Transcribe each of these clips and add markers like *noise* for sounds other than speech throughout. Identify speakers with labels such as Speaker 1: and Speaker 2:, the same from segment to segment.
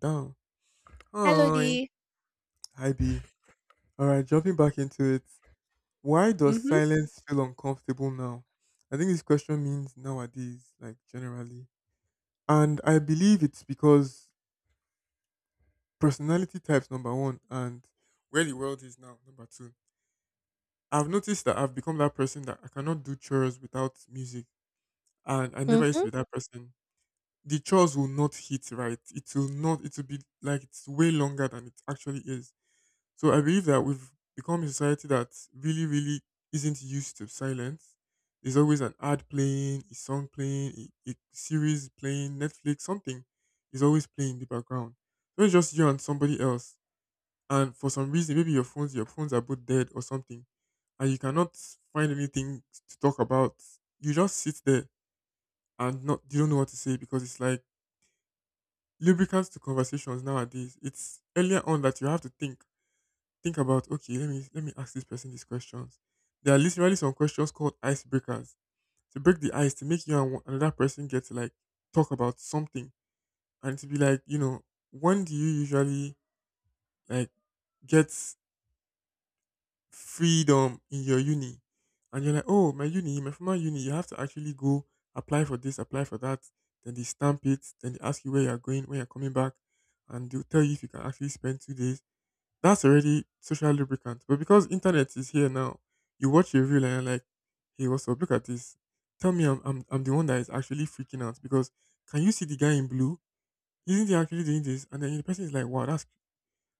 Speaker 1: Down.
Speaker 2: Hello,
Speaker 1: Hi.
Speaker 2: D.
Speaker 1: Hi B. Alright, jumping back into it. Why does silence feel uncomfortable now? I think this question means nowadays, like generally. And I believe it's because personality types number one, and where the world is now, number two. I've noticed that I've become that person that I cannot do chores without music. And I never used to
Speaker 2: Mhm,
Speaker 1: be that person. The chores will not hit right. It will not it will be like it's way longer than it actually is. So I believe that we've become a society that really, really isn't used to silence. There's always an ad playing, a song playing, a series playing, Netflix, something is always playing in the background. So it's just you and somebody else. And for some reason, maybe your phones are both dead or something, and you cannot find anything to talk about. You just sit there and not you don't know what to say, because it's like lubricants to conversations nowadays. It's earlier on that you have to think about, okay, let me ask this person these questions. There are literally some questions called icebreakers, to break the ice, to make you and another person get to like talk about something, and to be like, you know, when do you usually like get freedom in your uni? And you're like, oh, my uni, my former uni, you have to actually go apply for this, apply for that, then they stamp it, then they ask you where you're going, when you're coming back, and they'll tell you if you can actually spend 2 days. That's already social lubricant. But because internet is here now, you watch a reel and you're like, hey, what's up? Look at this. Tell me I'm the one that is actually freaking out because can you see the guy in blue? Isn't he actually doing this? And then the person is like, wow, that's…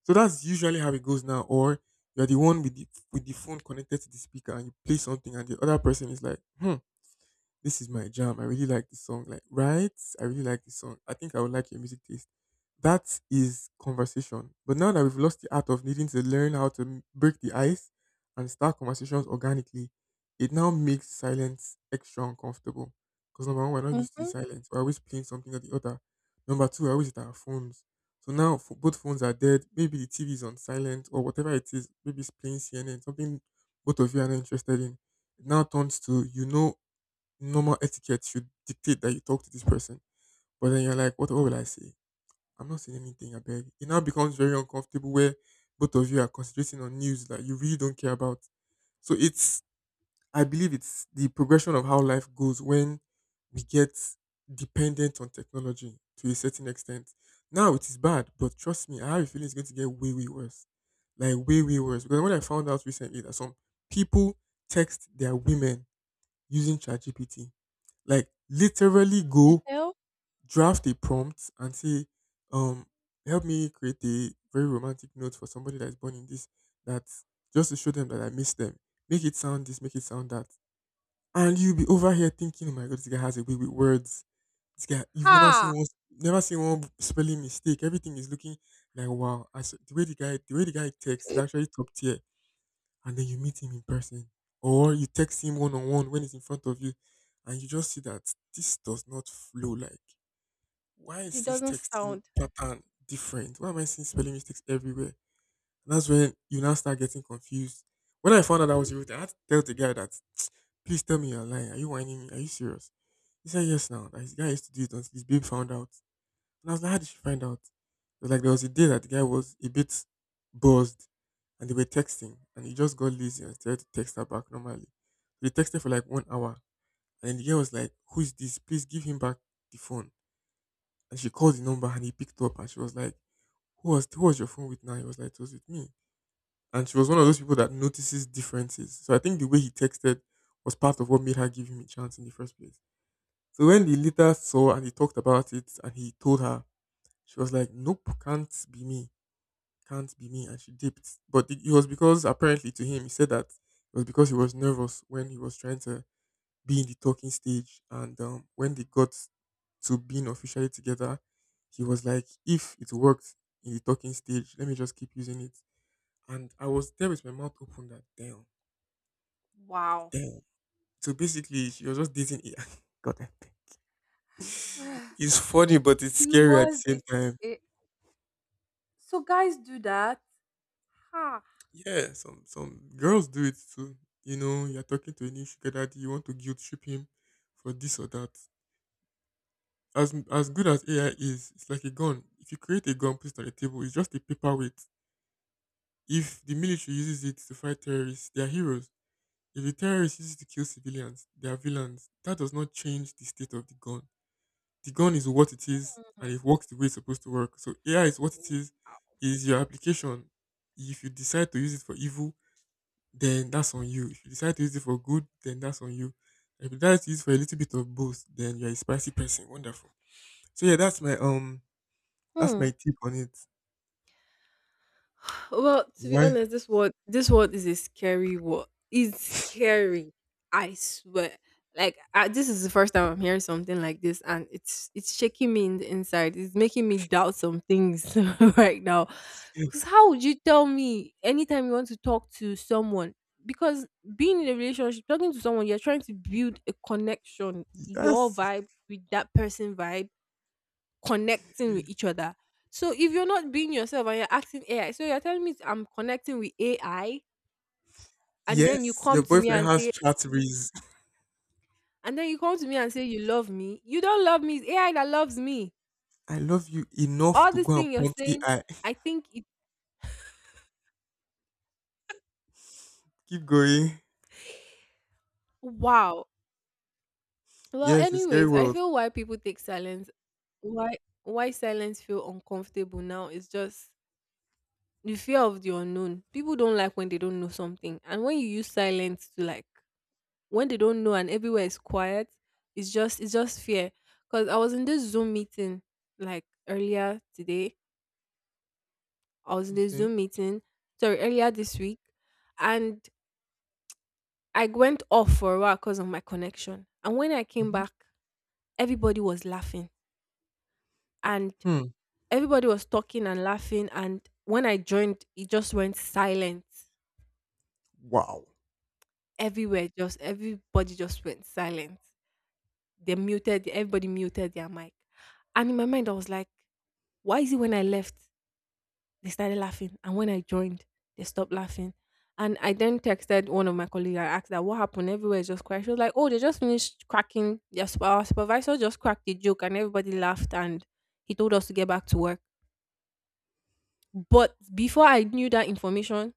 Speaker 1: So that's usually how it goes now. Or you're the one with the phone connected to the speaker, and you play something and the other person is like, hmm, this is my jam. I really like this song. Like, right? I really like this song. I think I would like your music taste. That is conversation. But now that we've lost the art of needing to learn how to break the ice and start conversations organically, it now makes silence extra uncomfortable. Because number one, we're not used to the
Speaker 2: mhm.
Speaker 1: silence. We're always playing something or the other. Number two, we're always at our phones. So now both phones are dead. Maybe the TV is on silent or whatever it is. Maybe it's playing CNN, something both of you are not interested in. It now turns to, you know, normal etiquette should dictate that you talk to this person. But then you're like, what will I say? I'm not saying anything, I beg. It now becomes very uncomfortable where both of you are concentrating on news that you really don't care about. So it's, I believe it's the progression of how life goes when we get dependent on technology to a certain extent. Now it is bad, but trust me, I have a feeling it's going to get way, way worse. Like way, way worse. Because when I found out recently that some people text their women using ChatGPT, like literally
Speaker 2: The
Speaker 1: go
Speaker 2: hell?
Speaker 1: draft a prompt and say, um, help me create a very romantic note for somebody that's born in this, that just to show them that I miss them. Make it sound this, make it sound that. And you'll be over here thinking, oh my god, this guy has a way with words. This guy, you've never seen
Speaker 2: Ha!
Speaker 1: one, never seen one spelling mistake. Everything is looking like, wow. I s The way the guy, the way the guy texts is actually top tier, and then you meet him in person, or you text him one on one when he's in front of you, and you just see that this does not flow. Like, why
Speaker 2: He
Speaker 1: is this
Speaker 2: doesn't
Speaker 1: texting
Speaker 2: sound.
Speaker 1: pattern different? Why am I seeing spelling mistakes everywhere? And that's when you now start getting confused. When I found out that was you, I had to tell the guy that, please tell me you're lying. Are you whining me? Are you serious? He said yes, now that his guy used to do it until his babe found out. And I was like, how did she find out? It was like there was a day that the guy was a bit buzzed, and they were texting, and he just got lazy and started to text her back normally. So they texted for like 1 hour, and then the girl was like, who is this? Please give him back the phone. And she called the number and he picked up and she was like, who was your phone with now? He was like, it was with me. And she was one of those people that notices differences. So I think the way he texted was part of what made her give him a chance in the first place. So when the later saw and he talked about it and he told her, she was like, nope, can't be me. Can't be me. And she dipped. But it was because apparently to him, he said that it was because he was nervous when he was trying to be in the talking stage, and when they got to being officially together, he was like, if it worked in the talking stage, let me just keep using it. And I was there with my mouth open, that damn,
Speaker 2: Wow.
Speaker 1: damn. So basically she was just dating I. *laughs* God, I beg.
Speaker 2: I swear,
Speaker 1: It's funny, but it's
Speaker 2: he
Speaker 1: scary at the
Speaker 2: was
Speaker 1: same
Speaker 2: this.
Speaker 1: time.
Speaker 2: It, so guys do that. Ha.
Speaker 1: Yeah, some girls do it too. You know, you're talking to a new sugar daddy, you want to guilt trip him for this or that. As good as AI is, it's like a gun. If you create a gun, put it on the table, it's just a paperweight. If the military uses it to fight terrorists, they are heroes. If the terrorists use it to kill civilians, they are villains. That does not change the state of the gun. The gun is what it is, and
Speaker 2: Mhm.
Speaker 1: it works the way it's supposed to work. So AI is what it
Speaker 2: Mm,
Speaker 1: is your application. If you decide to use it for evil, then that's on you. If you decide to use it for good, then that's on you. If you decide to use it for a little bit of both, then you're a spicy person. Wonderful. So yeah, that's
Speaker 2: hmm.
Speaker 1: my tip on it.
Speaker 2: Well, to be
Speaker 1: Why?
Speaker 2: honest, this world is a scary world. It's scary. I swear. This is the first time I'm hearing something like this, and it's shaking me in the inside. It's making me doubt some things *laughs* right now.
Speaker 1: *laughs*
Speaker 2: Cause how would you tell me anytime you want to talk to someone? Because being in a relationship, talking to someone, you're trying to build a connection, your
Speaker 1: Yes.
Speaker 2: vibe with that person vibe connecting with each other. So if you're not being yourself and you're asking AI, so you're telling me I'm connecting with AI, and then you
Speaker 1: Yes, your
Speaker 2: come to me
Speaker 1: boyfriend
Speaker 2: and
Speaker 1: has
Speaker 2: say,
Speaker 1: chatteries.
Speaker 2: and then you come to me and say you love me. You don't love me. It's AI that loves me.
Speaker 1: I love you enough
Speaker 2: All
Speaker 1: to
Speaker 2: this
Speaker 1: go
Speaker 2: thing
Speaker 1: and
Speaker 2: you're
Speaker 1: prompt
Speaker 2: saying,
Speaker 1: AI.
Speaker 2: I think it.
Speaker 1: *laughs* Keep going.
Speaker 2: Wow. Well,
Speaker 1: Yes, it's scary
Speaker 2: anyways, I
Speaker 1: world.
Speaker 2: feel why people take silence, why why silence feel uncomfortable now is just the fear of the unknown. People don't like when they don't know something, and when you use silence to like when they don't know and everywhere is quiet, it's just fear. Cause I was in this Zoom meeting like earlier today. I was in this
Speaker 1: Okay.
Speaker 2: Zoom meeting, sorry, earlier this week, and I went off for a while because of my connection. And when I came
Speaker 1: Mm-hmm.
Speaker 2: back, everybody was laughing and
Speaker 1: Hmm.
Speaker 2: everybody was talking and laughing. And when I joined, it just went silent
Speaker 1: Wow.
Speaker 2: everywhere. Just everybody just went silent. They muted. Everybody muted their mic. And in my mind, I was like, why is it when I left, they started laughing? And when I joined, they stopped laughing. And I then texted one of my colleagues. I asked that what happened. Everywhere is just quiet. She was like, "Oh, they just finished cracking. Their our supervisor just cracked a joke, and everybody laughed. And he told us to get back to work." But before I knew that information,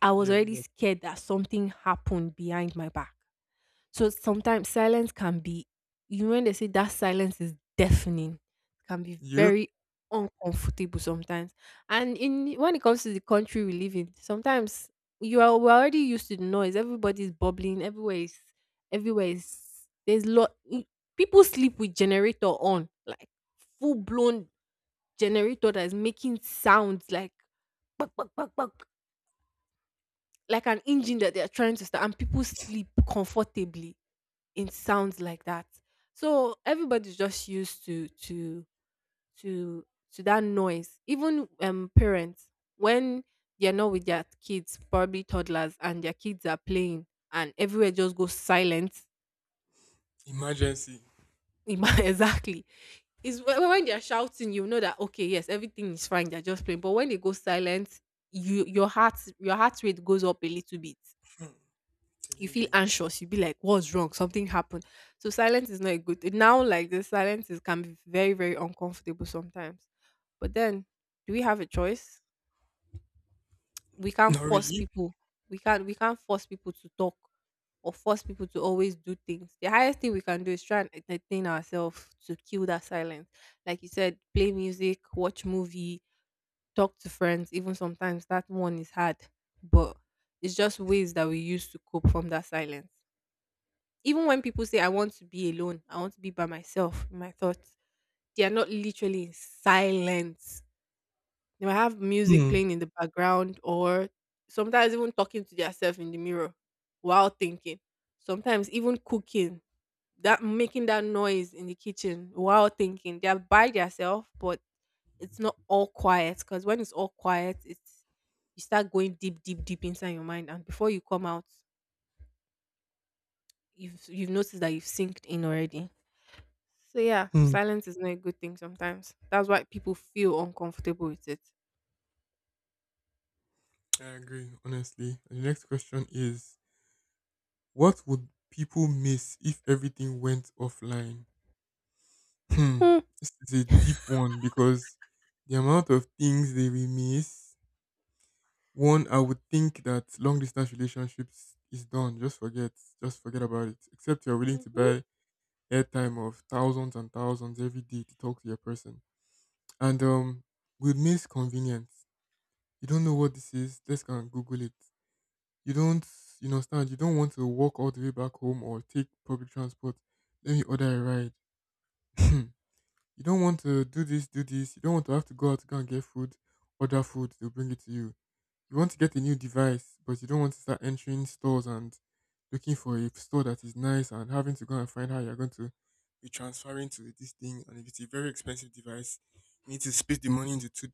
Speaker 2: I was
Speaker 1: Yeah.
Speaker 2: already
Speaker 1: You.
Speaker 2: scared that something happened behind my back. So sometimes silence can be, you know, when they say that silence is deafening, it can be
Speaker 1: Yep.
Speaker 2: very uncomfortable sometimes. And in when it comes to the country we live in, sometimes you are we're already used to the noise. Everybody's bubbling. Everywhere is, there's lot. People sleep with generator on, like full blown generator that is making sounds like *tsk* like an engine that they are trying to start, and people sleep comfortably, it sounds like that. So everybody's just used to to that noise. Even parents when they're not with their kids, probably toddlers, and their kids are playing and everywhere just goes silent.
Speaker 1: Emergency.
Speaker 2: *laughs* Exactly. When they're shouting, you know that okay, yes, everything is fine, they're just playing. But when they go silent, your heart rate goes up a little bit.
Speaker 1: Hmm.
Speaker 2: You
Speaker 1: Telling
Speaker 2: feel
Speaker 1: you.
Speaker 2: anxious, you be like, what's wrong, something happened. So silence is not good now, like the silence is, can be very uncomfortable sometimes. But then, do we have a choice? We can't
Speaker 1: Not
Speaker 2: force
Speaker 1: really.
Speaker 2: people, we can't force people to talk or force people to always do things. The highest thing we can do is try and entertain ourselves to kill that silence, like you said, play music, watch movie, talk to friends. Even sometimes that one is hard, but it's just ways that we use to cope from that silence. Even when people say I want to be alone, I want to be by myself in my thoughts, they are not literally in silence. They might have music
Speaker 1: Hmm.
Speaker 2: playing in the background, or sometimes even talking to themselves in the mirror while thinking. Sometimes even cooking, that making that noise in the kitchen while thinking. They are by themselves, but it's not all quiet, because when it's all quiet, it's you start going deep, deep, deep inside your mind, and before you come out, you've noticed that you've synced in already. So yeah,
Speaker 1: Hmm.
Speaker 2: silence is not a good thing sometimes. That's why people feel uncomfortable with it.
Speaker 1: I agree, honestly. The next question is, what would people miss if everything went offline? Hmm. This is a deep one, because the amount of things they will miss. One, I would think that long distance relationships is done. Just forget. Just forget about it. Except you're willing to
Speaker 2: Mm-hmm.
Speaker 1: buy airtime of thousands and thousands every day to talk to your person. And we'd miss convenience. You don't know what this is, just go and Google it. you don't you understand, you don't want to walk all the way back home or take public transport, let me order a ride. *laughs* *clears throat* You don't want to do this do this, you don't want to have to go out to go and get food, order food, they'll bring it to you. You want to get a new device, but you don't want to start entering stores and looking for a store that is nice, and having to go and find how you're going to be transferring to this thing, and if it's a very expensive device, you need to split the money into two,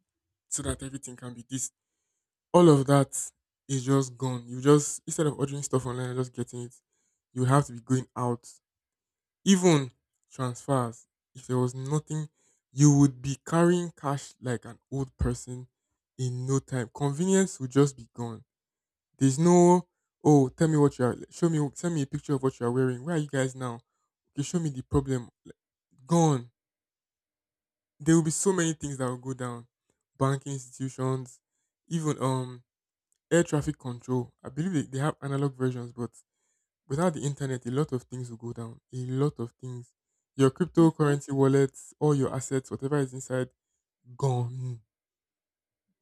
Speaker 1: so that everything can be this. All of that is just gone. You just Instead of ordering stuff online and just getting it, you would have to be going out. Even transfers, if there was nothing, you would be carrying cash like an old person in no time. Convenience would just be gone. There's no, oh, tell me what you are. Show me. Send me a picture of what you are wearing. Where are you guys now? Okay, show me the problem. Like, gone. There will be so many things that will go down. Banking institutions, even air traffic control. I believe they have analog versions, but without the internet, a lot of things will go down. A lot of things. Your
Speaker 2: Hmm.
Speaker 1: cryptocurrency wallets, all your assets, whatever is inside, gone.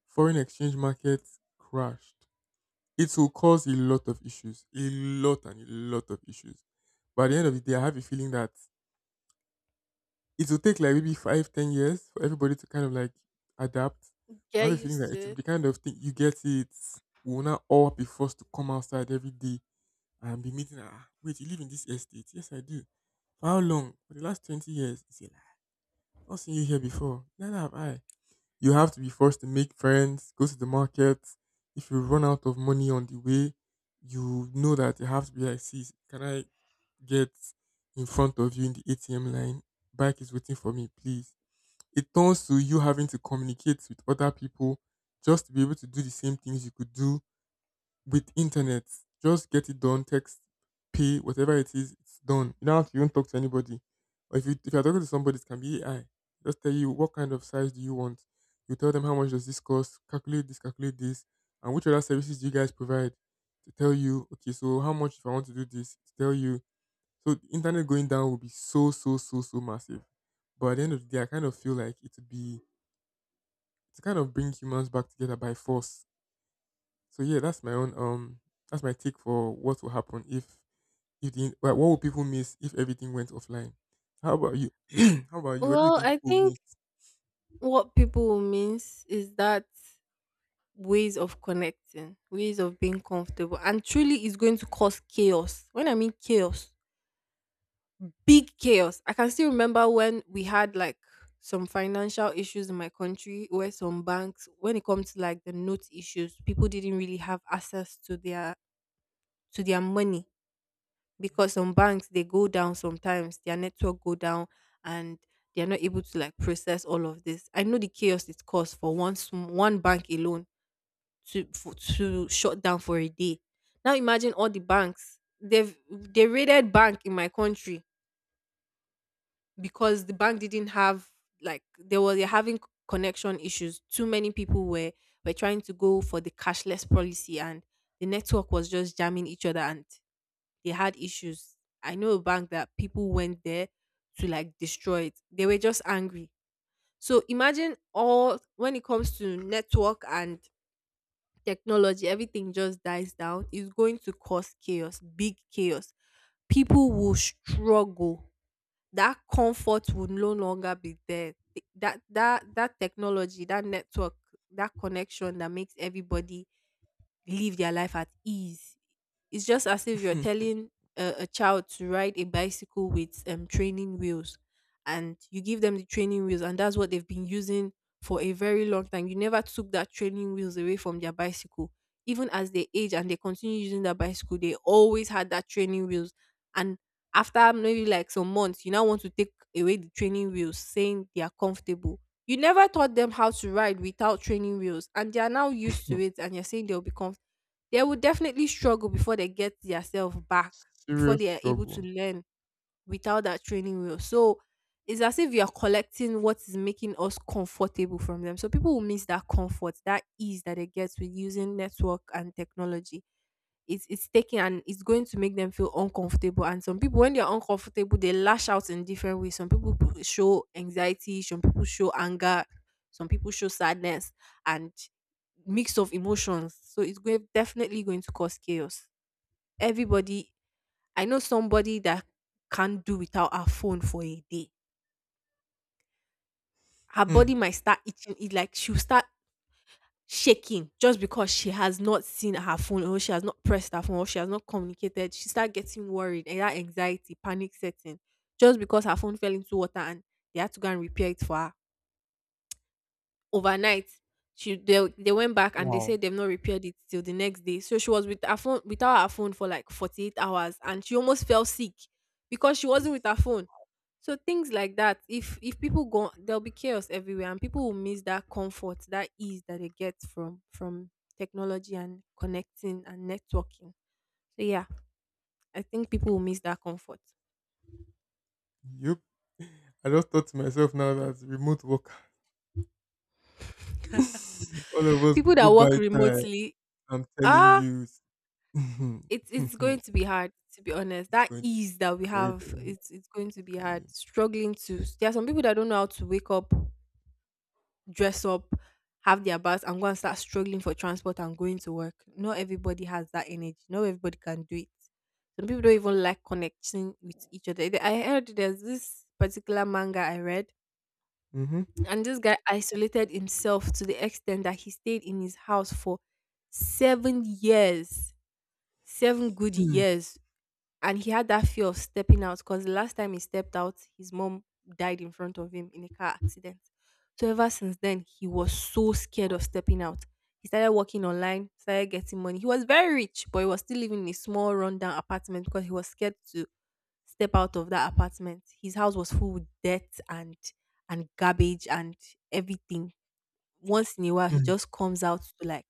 Speaker 1: Foreign exchange markets crashed. It will cause a lot of issues. A lot and a lot of issues. But at the end of the day, I have a feeling that it will take like maybe five, 10 years for everybody to kind of like adapt. I have
Speaker 2: Get
Speaker 1: a feeling
Speaker 2: used
Speaker 1: that
Speaker 2: to
Speaker 1: it will be
Speaker 2: it.
Speaker 1: the kind of thing you get it. We will not all be forced to come outside every day and be meeting her. "Ah, wait, you live in this estate?" "Yes, I do." "For how long?" "For the last 20 years. Is like, I've not seen you here before." "Neither have I." You have to be forced to make friends, go to the market. If you run out of money on the way, you know that you have to be like, "See, can I get in front of you in the ATM line? Bike is waiting for me, please." It turns to you having to communicate with other people just to be able to do the same things you could do with internet, just get it done, text, pay, whatever it is, it's done. You don't have to even talk to anybody. Or if you if you're talking to somebody, it can be AI. Just tell you what kind of size do you want. You tell them how much does this cost, calculate this, and which other services do you guys provide to tell you, okay, so how much if I want to do this, to tell you. So the internet going down will be so, so, so, so massive. But at the end of the day, I kind of feel like it would be to kind of bring humans back together by force. So yeah, that's my own. That's my take for what will happen if what would people miss if everything went offline? How about you? *clears throat* How about you? What do you
Speaker 2: Well,
Speaker 1: think
Speaker 2: I
Speaker 1: people will
Speaker 2: think
Speaker 1: miss?
Speaker 2: what people will miss is that ways of connecting, ways of being comfortable, and truly is going to cause chaos. When I mean chaos, big chaos. I can still remember when we had like some financial issues in my country where some banks when it comes to like the note issues, people didn't really have access to their money because some banks they go down, sometimes their network go down, and they are not able to like process all of this. I know the chaos it caused for one bank alone to, for, to shut down for a day. Now imagine all the banks. They've they raided bank in my country because the bank didn't have, like they were, they're having connection issues. Too many people were trying to go for the cashless policy, and the network was just jamming each other, and they had issues. I know a bank that people went there to like destroy it. They were just angry. So imagine all when it comes to network and technology, everything just dies down. It's going to cause chaos, big chaos. People will struggle. That comfort will no longer be there. That that technology, that network, that connection that makes everybody live their life at ease. It's just as if you're telling a child to ride a bicycle with training wheels, and you give them the training wheels, and that's what they've been using for a very long time. You never took that training wheels away from their bicycle. Even as they age and they continue using that bicycle, they always had that training wheels. And after maybe like some months, you now want to take away the training wheels, saying they are comfortable, you never taught them how to ride without training wheels, and they are now used to it, and you're saying they'll become, they will definitely struggle before they get themselves
Speaker 1: *laughs*
Speaker 2: back, before
Speaker 1: Serious
Speaker 2: they are able to
Speaker 1: struggle.
Speaker 2: learn without that training wheel. So it's as if you're collecting what is making us comfortable from them. So people will miss that comfort, that ease that it gets with using network and technology. It's taking and it's going to make them feel uncomfortable. And some people, when they're uncomfortable, they lash out in different ways. Some people show anxiety, some people show anger, some people show sadness and mix of emotions. So it's going definitely going to cause chaos. Everybody, I know somebody that can't do without her phone for a day. Her
Speaker 1: Hmm.
Speaker 2: body might start itching, it like she'll start shaking just because she has not seen her phone, or she has not pressed her phone, or she has not communicated. She start getting worried, and that anxiety, panic setting, just because her phone fell into water and they had to go and repair it for her overnight. She, they went back and they
Speaker 1: Wow.
Speaker 2: said they've not repaired it till the next day. So she was with her phone, without her phone for like 48 hours, and she almost fell sick because she wasn't with her phone. So things like that, if people go, there'll be chaos everywhere, and people will miss that comfort, that ease that they get from technology and connecting and networking. So yeah, I think people will miss that comfort.
Speaker 1: Yup. I just thought to myself now that remote work, *laughs* all of us go
Speaker 2: People
Speaker 1: go
Speaker 2: that
Speaker 1: buy
Speaker 2: work
Speaker 1: time.
Speaker 2: remotely,
Speaker 1: I'm telling
Speaker 2: ah,
Speaker 1: you, *laughs*
Speaker 2: it's going to be hard, to be honest.
Speaker 1: it's
Speaker 2: That
Speaker 1: going to be
Speaker 2: ease that we
Speaker 1: very, very
Speaker 2: have,
Speaker 1: hard,
Speaker 2: it's going to be
Speaker 1: I'm telling
Speaker 2: hard.
Speaker 1: you.
Speaker 2: Struggling to, there are some people that don't know how to wake up, dress up, have their baths, and go and start struggling for transport and going to work. Not everybody has that energy. Not everybody can do it. Some people don't even like connecting with each other. I heard there's this particular manga I read,
Speaker 1: Mm-hmm.
Speaker 2: and this guy isolated himself to the extent that he stayed in his house for 7 years, seven good
Speaker 1: Hmm.
Speaker 2: years, and he had that fear of stepping out because the last time he stepped out, his mom died in front of him in a car accident. So ever since then, he was so scared of stepping out. He started working online, started getting money. He was very rich, but he was still living in a small rundown apartment because he was scared to step out of that apartment. His house was full with debt and garbage and everything. Once in a while, he
Speaker 1: Hmm,
Speaker 2: just comes out to like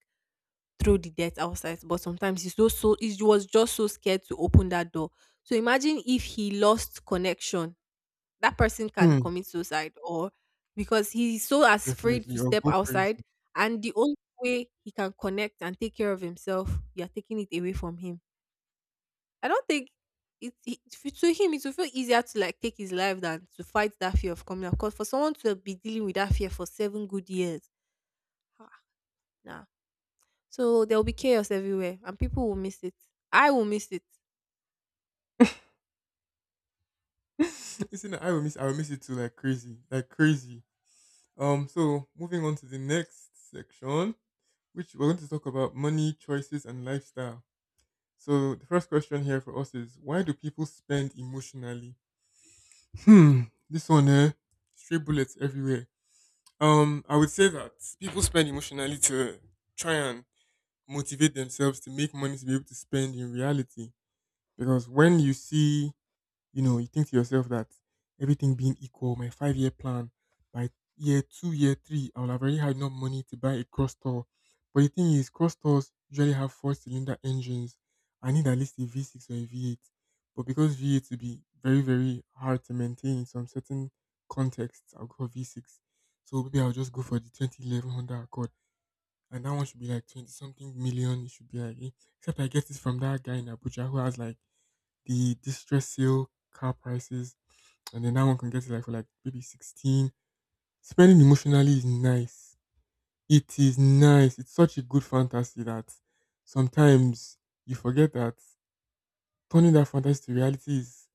Speaker 2: throw the dirt outside, but sometimes he's so, so he was just so scared to open that door. So imagine if he lost connection, that person can
Speaker 1: hmm,
Speaker 2: commit suicide, or because he's so afraid
Speaker 1: definitely,
Speaker 2: to
Speaker 1: or
Speaker 2: step
Speaker 1: go
Speaker 2: outside,
Speaker 1: crazy.
Speaker 2: and the only way he can connect and take care of himself, you're taking it away from him. I don't think to him it will feel easier to like take his life than to fight that fear of coming out. Because for someone to be dealing with that fear for seven good years, ah, nah. So there will be chaos everywhere and people will miss it. I will miss it.
Speaker 1: *laughs* Listen, I will miss it too, like crazy, like crazy. So moving on to the next section, which we're going to talk about money, choices, and lifestyle. So the first question here for us is, why do people spend emotionally? Hmm, this one, eh, stray bullets everywhere. I would say that people spend emotionally to try and motivate themselves to make money to be able to spend in reality. Because when you see, you know, you think to yourself that everything being equal, my 5 year plan, by year two, year three, I will have already had enough money to buy a cross tour. But the thing is, cross tours usually have four-cylinder engines. I need at least a V6 or a V8. But because V8 will be very, very hard to maintain in some certain contexts, I'll go for V6. So maybe I'll just go for the 2011 Honda Accord. And that one should be like 20 something million. It should be like, eh, except I get it from that guy in Abuja who has like the distress sale car prices, and then that one can get it like for like maybe 16. Spending emotionally is nice. It is nice. It's such a good fantasy that sometimes you forget that turning that fantasy to reality is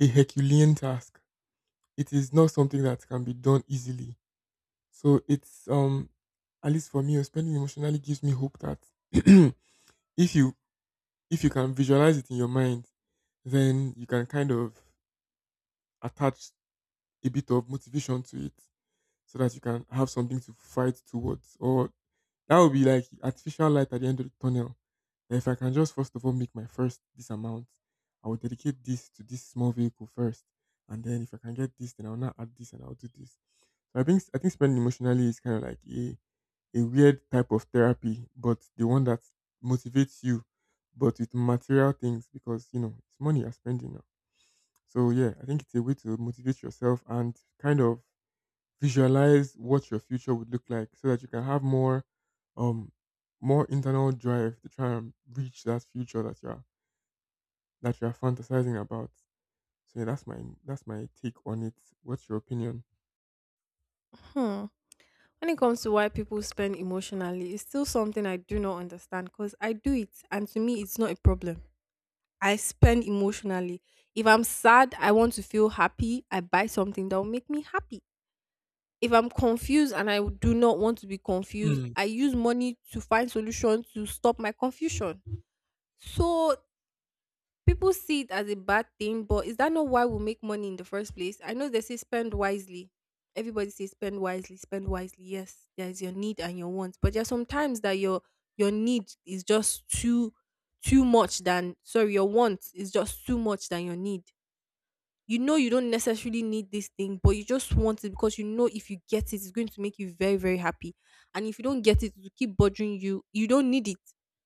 Speaker 1: a Herculean task. It is not something that can be done easily. So it's, at least for me, spending emotionally gives me hope that *clears throat* if you if you can visualize it in your mind, then you can kind of attach a bit of motivation to it so that you can have something to fight towards. Or that would be like artificial light at the end of the tunnel. That if I can just first of all make my first this amount, I will dedicate this to this small vehicle first. And then if I can get this, then I'll now add this and I'll do this. So I think spending emotionally is kind of like a weird type of therapy, but the one that motivates you, but with material things because you know it's money you're spending now. So yeah, I think it's a way to motivate yourself and kind of visualize what your future would look like so that you can have more um more internal drive to try and reach that future that you're fantasizing about. So yeah, that's my take on it. What's your opinion?
Speaker 2: Hmm. When it comes to why people spend emotionally, it's still something I do not understand because I do it, and to me, it's not a problem. I spend emotionally. If I'm sad, I want to feel happy. I buy something that will make me happy. If I'm confused and I do not want to be confused,
Speaker 1: Hmm.
Speaker 2: I use money to find solutions to stop my confusion. So people see it as a bad thing, but is that not why we make money in the first place? I know they say spend wisely. Everybody says spend wisely, spend wisely. Yes, there is your need and your wants, but there are some times that your need is just too much than sorry, your want is just too much than your need. You know you don't necessarily need this thing, but you just want it because you know if you get it, it's going to make you very, very happy. And if you don't get it, it will keep bothering you. You don't need it,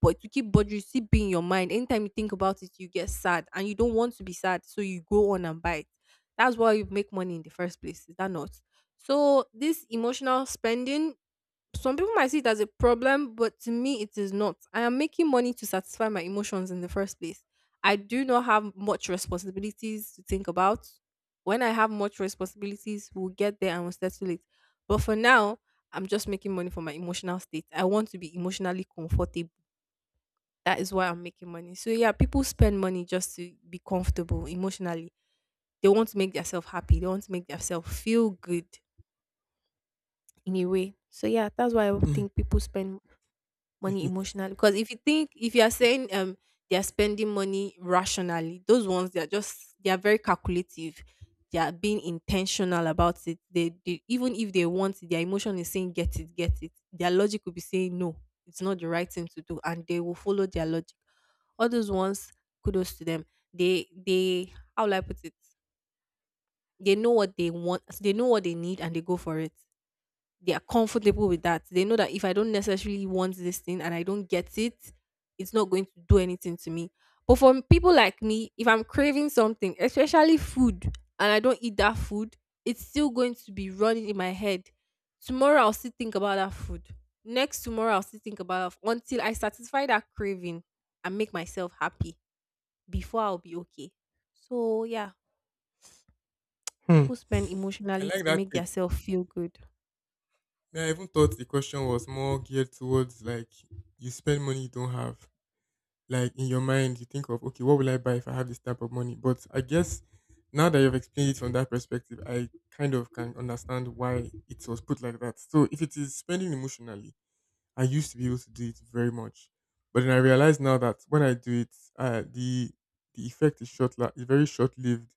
Speaker 2: but to keep bothering you, still be in your mind. Anytime you think about it, you get sad and you don't want to be sad. So you go on and buy it. That's why you make money in the first place. Is that not? So this emotional spending, some people might see it as a problem, but to me, it is not. I am making money to satisfy my emotions in the first place. I do not have much responsibilities to think about. When I have much responsibilities, we'll get there and we'll settle it. But for now, I'm just making money for my emotional state. I want to be emotionally comfortable. That is why I'm making money. So, yeah, people spend money just to be comfortable emotionally. They want to make themselves happy, they want to make themselves feel good in a way. So, yeah, that's why I
Speaker 1: Hmm.
Speaker 2: think people spend
Speaker 1: If
Speaker 2: money
Speaker 1: it's
Speaker 2: emotionally. Because if you think if you are
Speaker 1: if it's
Speaker 2: saying they are spending money rationally, those ones they are very calculative. They are being intentional about it. They, even if they want it, their emotion is saying get it, get it. Their logic will be saying no, it's not the right thing to do, and they will follow their logic. All those ones, kudos to them. They, how will I put it? They know what they want, they know what they need, and they go for it. They are comfortable with that. They know that if I don't necessarily want this thing and I don't get it, it's not going to do anything to me. But for people like me, if I'm craving something, especially food, and I don't eat that food, it's still going to be running in my head. Tomorrow I'll still think about that food. Next tomorrow I'll still think about it until I satisfy that craving and make myself happy before I'll be okay. So yeah,
Speaker 1: Hmm.
Speaker 2: people spend
Speaker 1: I
Speaker 2: emotionally
Speaker 1: like
Speaker 2: to
Speaker 1: that
Speaker 2: make
Speaker 1: take.
Speaker 2: themselves feel good.
Speaker 1: Me, I even thought the question was more geared towards like you spend money you don't have, like in your mind you think of, okay, what will I buy if I have this type of money? But I guess now that you've explained it from that perspective, I kind of can understand why it was put like that. So if it is spending emotionally, I used to be able to do it very much, but then I realize now that when I do it, the effect is very short lived.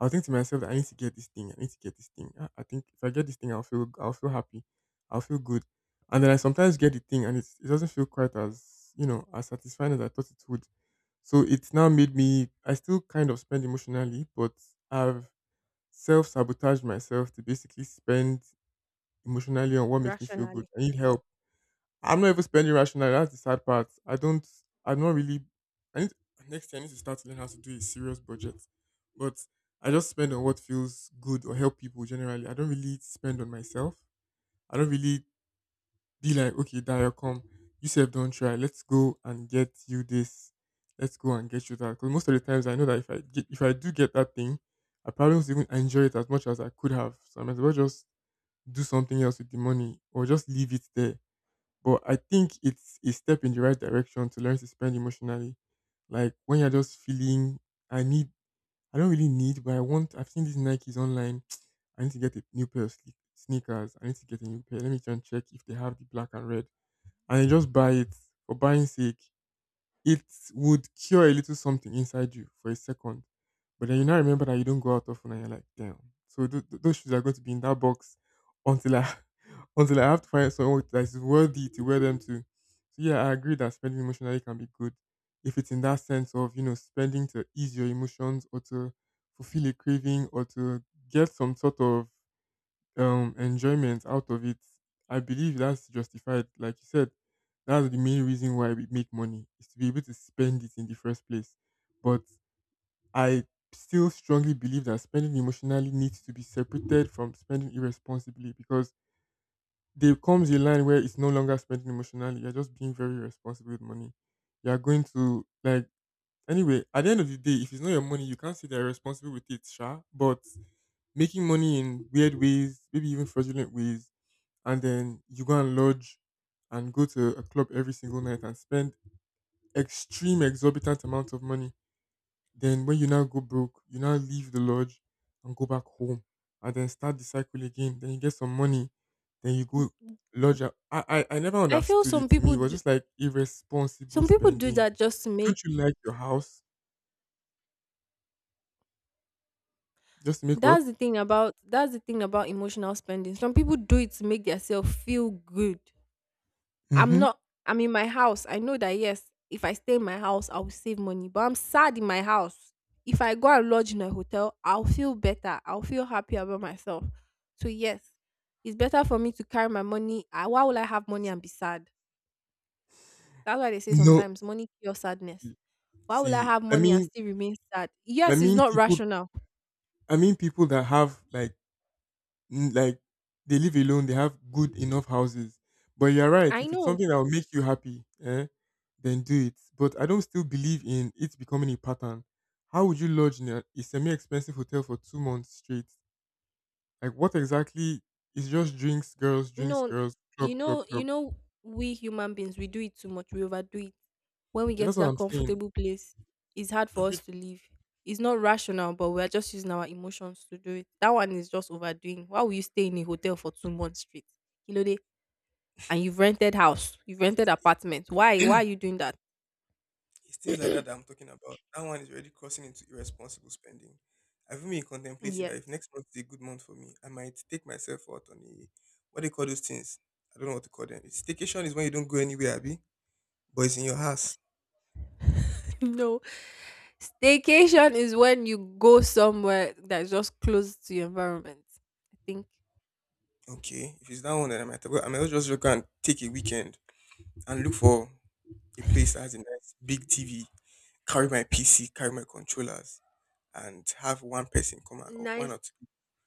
Speaker 1: I'll think to myself that I need to get this thing. I think if I get this thing, I'll feel happy, I'll feel good. And then I sometimes get the thing and it doesn't feel quite as, you know, as satisfying as I thought it would. So it's now made me, I still kind of spend emotionally, but I've self sabotaged myself to basically spend emotionally on what makes me feel good. I need help. I'm not even spending rationally. That's the sad part. I don't, I'm not really, I need, Next year I need to start to learn how to do a serious budget. But I just spend on what feels good or help people generally. I don't really spend on myself. I don't really be like, "Okay, Dayo, come. You said don't try. Let's go and get you this. Let's go and get you that." Because most of the times I know that if I do get that thing, I probably won't even enjoy it as much as I could have. So I might as well just do something else with the money or just leave it there. But I think it's a step in the right direction to learn to spend emotionally. Like when you're just feeling, I need, I don't really need, but I want, I've seen these Nikes online. *tsk* I need to get a new pair of sneakers. I need to get a new pair. Let me try and check if they have the black and red, and you just buy it for buying sake. It would cure a little something inside you for a second. But then you now remember that you don't go out often, and you're like, damn. So those shoes are going to be in that box until I *laughs* until I have to find someone that is worthy to wear them to. So yeah, I agree that spending emotionally can be good if it's in that sense of, you know, spending to ease your emotions or to fulfill a craving or to get some sort of enjoyment out of it. I believe that's justified. Like you said, that's the main reason why we make money, is to be able to spend it in the first place. But I still strongly believe that spending emotionally needs to be separated from spending irresponsibly, because there comes a line where it's no longer spending emotionally. You're just being very irresponsible with money. You're going to like, anyway, at the end of the day, if it's not your money, you can't say they're responsible with it, sure. But making money in weird ways, maybe even fraudulent ways, and then you go and lodge and go to a club every single night and spend extreme exorbitant amounts of money, then when you now go broke, you now leave the lodge and go back home and then start the cycle again. Then you get some money, then you go lodge. I never
Speaker 2: I feel
Speaker 1: understood it.
Speaker 2: some
Speaker 1: To me, it
Speaker 2: people
Speaker 1: was
Speaker 2: do.
Speaker 1: just like irresponsible
Speaker 2: Some people do
Speaker 1: spending.
Speaker 2: that just to
Speaker 1: Don't
Speaker 2: make
Speaker 1: you like your house, just to make what?
Speaker 2: that's the thing about emotional spending. Some people do it to make themselves feel good. I'm
Speaker 1: Mm-hmm.
Speaker 2: not I'm in my house. I know that yes, if I stay in my house, I will save money. But I'm sad in my house. If I go and lodge in a hotel, I'll feel better. I'll feel happy about myself. So yes, it's better for me to carry my money. Why will I have money and be sad? That's why they say
Speaker 1: No,
Speaker 2: sometimes money cures sadness. Why will I
Speaker 1: see,
Speaker 2: have money and still remain sad?
Speaker 1: I
Speaker 2: Yes, it's
Speaker 1: mean
Speaker 2: not
Speaker 1: people,
Speaker 2: rational.
Speaker 1: I mean people that have like like they live alone, they have good enough houses. But you're right,
Speaker 2: I
Speaker 1: if it's
Speaker 2: know.
Speaker 1: something that will make you happy, eh, then do it. But I don't still believe in it becoming a pattern. How would you lodge in a semi expensive hotel for 2 months straight? Like, what exactly is just drinks,
Speaker 2: No,
Speaker 1: girls,
Speaker 2: you
Speaker 1: club, club,
Speaker 2: know, you
Speaker 1: club?
Speaker 2: know, we human beings, we do it too much. We overdo it. When we
Speaker 1: Yeah,
Speaker 2: get
Speaker 1: that's
Speaker 2: to
Speaker 1: what
Speaker 2: that
Speaker 1: I'm saying.
Speaker 2: comfortable place, it's hard for us to leave. It's not rational, but we are just using our emotions to do it. That one is just overdoing. Why will you stay in a hotel for 2 months straight, Kilode? And you've rented house, you've rented apartment. Why? Why are you doing that?
Speaker 1: It's things like that that I'm talking about. That one is already crossing into irresponsible spending. I've even been contemplating that if
Speaker 2: Yes.
Speaker 1: next month is a good month for me, I might take myself out on a what do you call those things? I don't know what to call them. It's staycation is when you don't go anywhere, Abby, but it's in your house.
Speaker 2: *laughs* No. Staycation is when you go somewhere that's just close to your environment. I think
Speaker 1: Okay, if it's that one, then I might well, I might as well just go and take a weekend and look for a place that has a nice big TV. Carry my PC, carry my controllers, and have one person come out or one or
Speaker 2: nice.
Speaker 1: two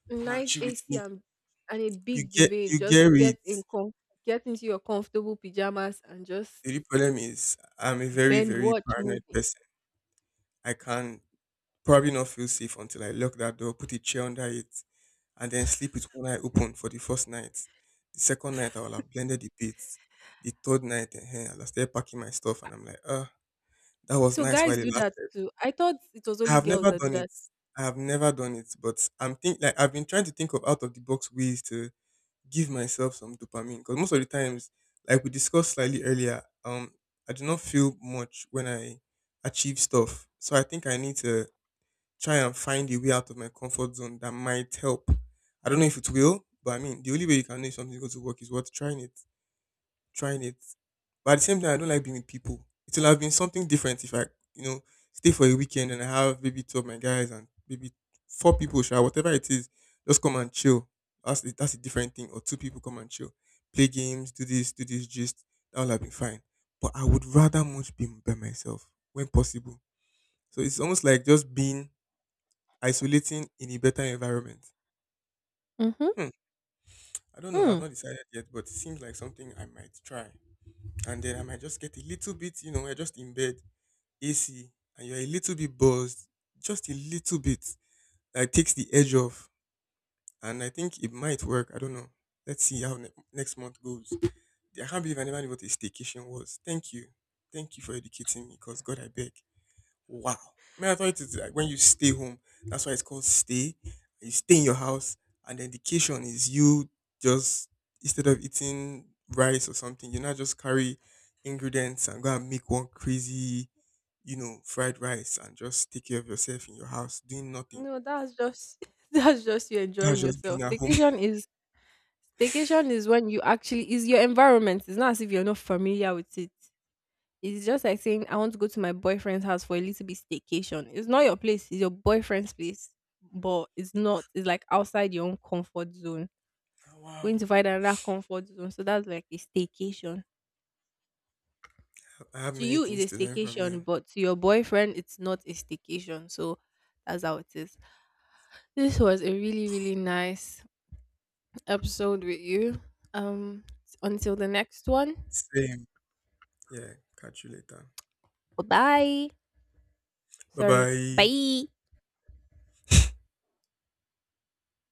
Speaker 1: people come and
Speaker 2: Nice
Speaker 1: chill with
Speaker 2: AC
Speaker 1: me.
Speaker 2: and a
Speaker 1: You
Speaker 2: big
Speaker 1: get
Speaker 2: duvet.
Speaker 1: you
Speaker 2: Just
Speaker 1: get it.
Speaker 2: get into your comfortable pajamas and just
Speaker 1: Really, the only problem is I'm a very,
Speaker 2: bend
Speaker 1: very
Speaker 2: watch
Speaker 1: paranoid
Speaker 2: movie.
Speaker 1: person. I can probably not feel safe until I lock that door, put a chair under it, and then sleep with one eye open for the first night. The second night, I will have blended the beds. The third night, eh, I'll start packing my stuff, and I'm like, ah, that was
Speaker 2: So
Speaker 1: nice while
Speaker 2: guys
Speaker 1: it
Speaker 2: do that
Speaker 1: lasted.
Speaker 2: too. I thought it was
Speaker 1: I
Speaker 2: only
Speaker 1: have
Speaker 2: girls
Speaker 1: never
Speaker 2: that do
Speaker 1: done it.
Speaker 2: that.
Speaker 1: I have never done it, but I'm think like I've been trying to think of out of the box ways to give myself some dopamine because most of the times, like we discussed slightly earlier, I do not feel much when I achieve stuff. So I think I need to try and find a way out of my comfort zone that might help. I don't know if it will, but I mean, the only way you can know if something is going to work is what trying it, but at the same time, I don't like being with people. It will have been something different if I, you know, stay for a weekend and I have maybe two of my guys and maybe four people, sure, whatever it is, just come and chill. That's a different thing. Or two people come and chill, play games, do this, just that would have been fine. But I would rather much be by myself when possible. So it's almost like just being isolating in a better environment.
Speaker 2: Mm-hmm.
Speaker 1: Hmm. I don't know. I've
Speaker 2: Mm.
Speaker 1: not decided yet, but it seems like something I might try. And then I might just get a little bit, you know, we're just in bed, AC, and you're a little bit buzzed, just a little bit, that takes the edge off. And I think it might work. I don't know. Let's see how next month goes. I can't believe I never knew what a staycation was. Thank you. Thank you for educating me because God, I beg. Wow. Man, I thought it's like when you stay home, that's why it's called stay. You stay in your house, and then the education is you just, instead of eating rice or something, you now just carry ingredients and go and make one crazy, you know, fried rice and just take care of yourself in your house, doing nothing.
Speaker 2: No, that's just *laughs* that's just you
Speaker 1: That's
Speaker 2: enjoying
Speaker 1: just being
Speaker 2: yourself.
Speaker 1: at home. *laughs*
Speaker 2: Staycation is when you actually is your environment. It's not as if you're not familiar with it. It's just like saying I want to go to my boyfriend's house for a little bit staycation. It's not your place, it's your boyfriend's place. But it's not, it's like outside your own comfort zone. Going to
Speaker 1: Wow.
Speaker 2: find another comfort zone. So that's like a staycation.
Speaker 1: I have
Speaker 2: To you is a
Speaker 1: you.
Speaker 2: staycation, but to your boyfriend it's not a staycation. So that's how it is. This was a really, really nice episode with you. Um until the next one.
Speaker 1: Same. Yeah. Catch you later.
Speaker 2: Bye bye.
Speaker 1: Bye
Speaker 2: Sorry.
Speaker 1: bye.
Speaker 2: Bye.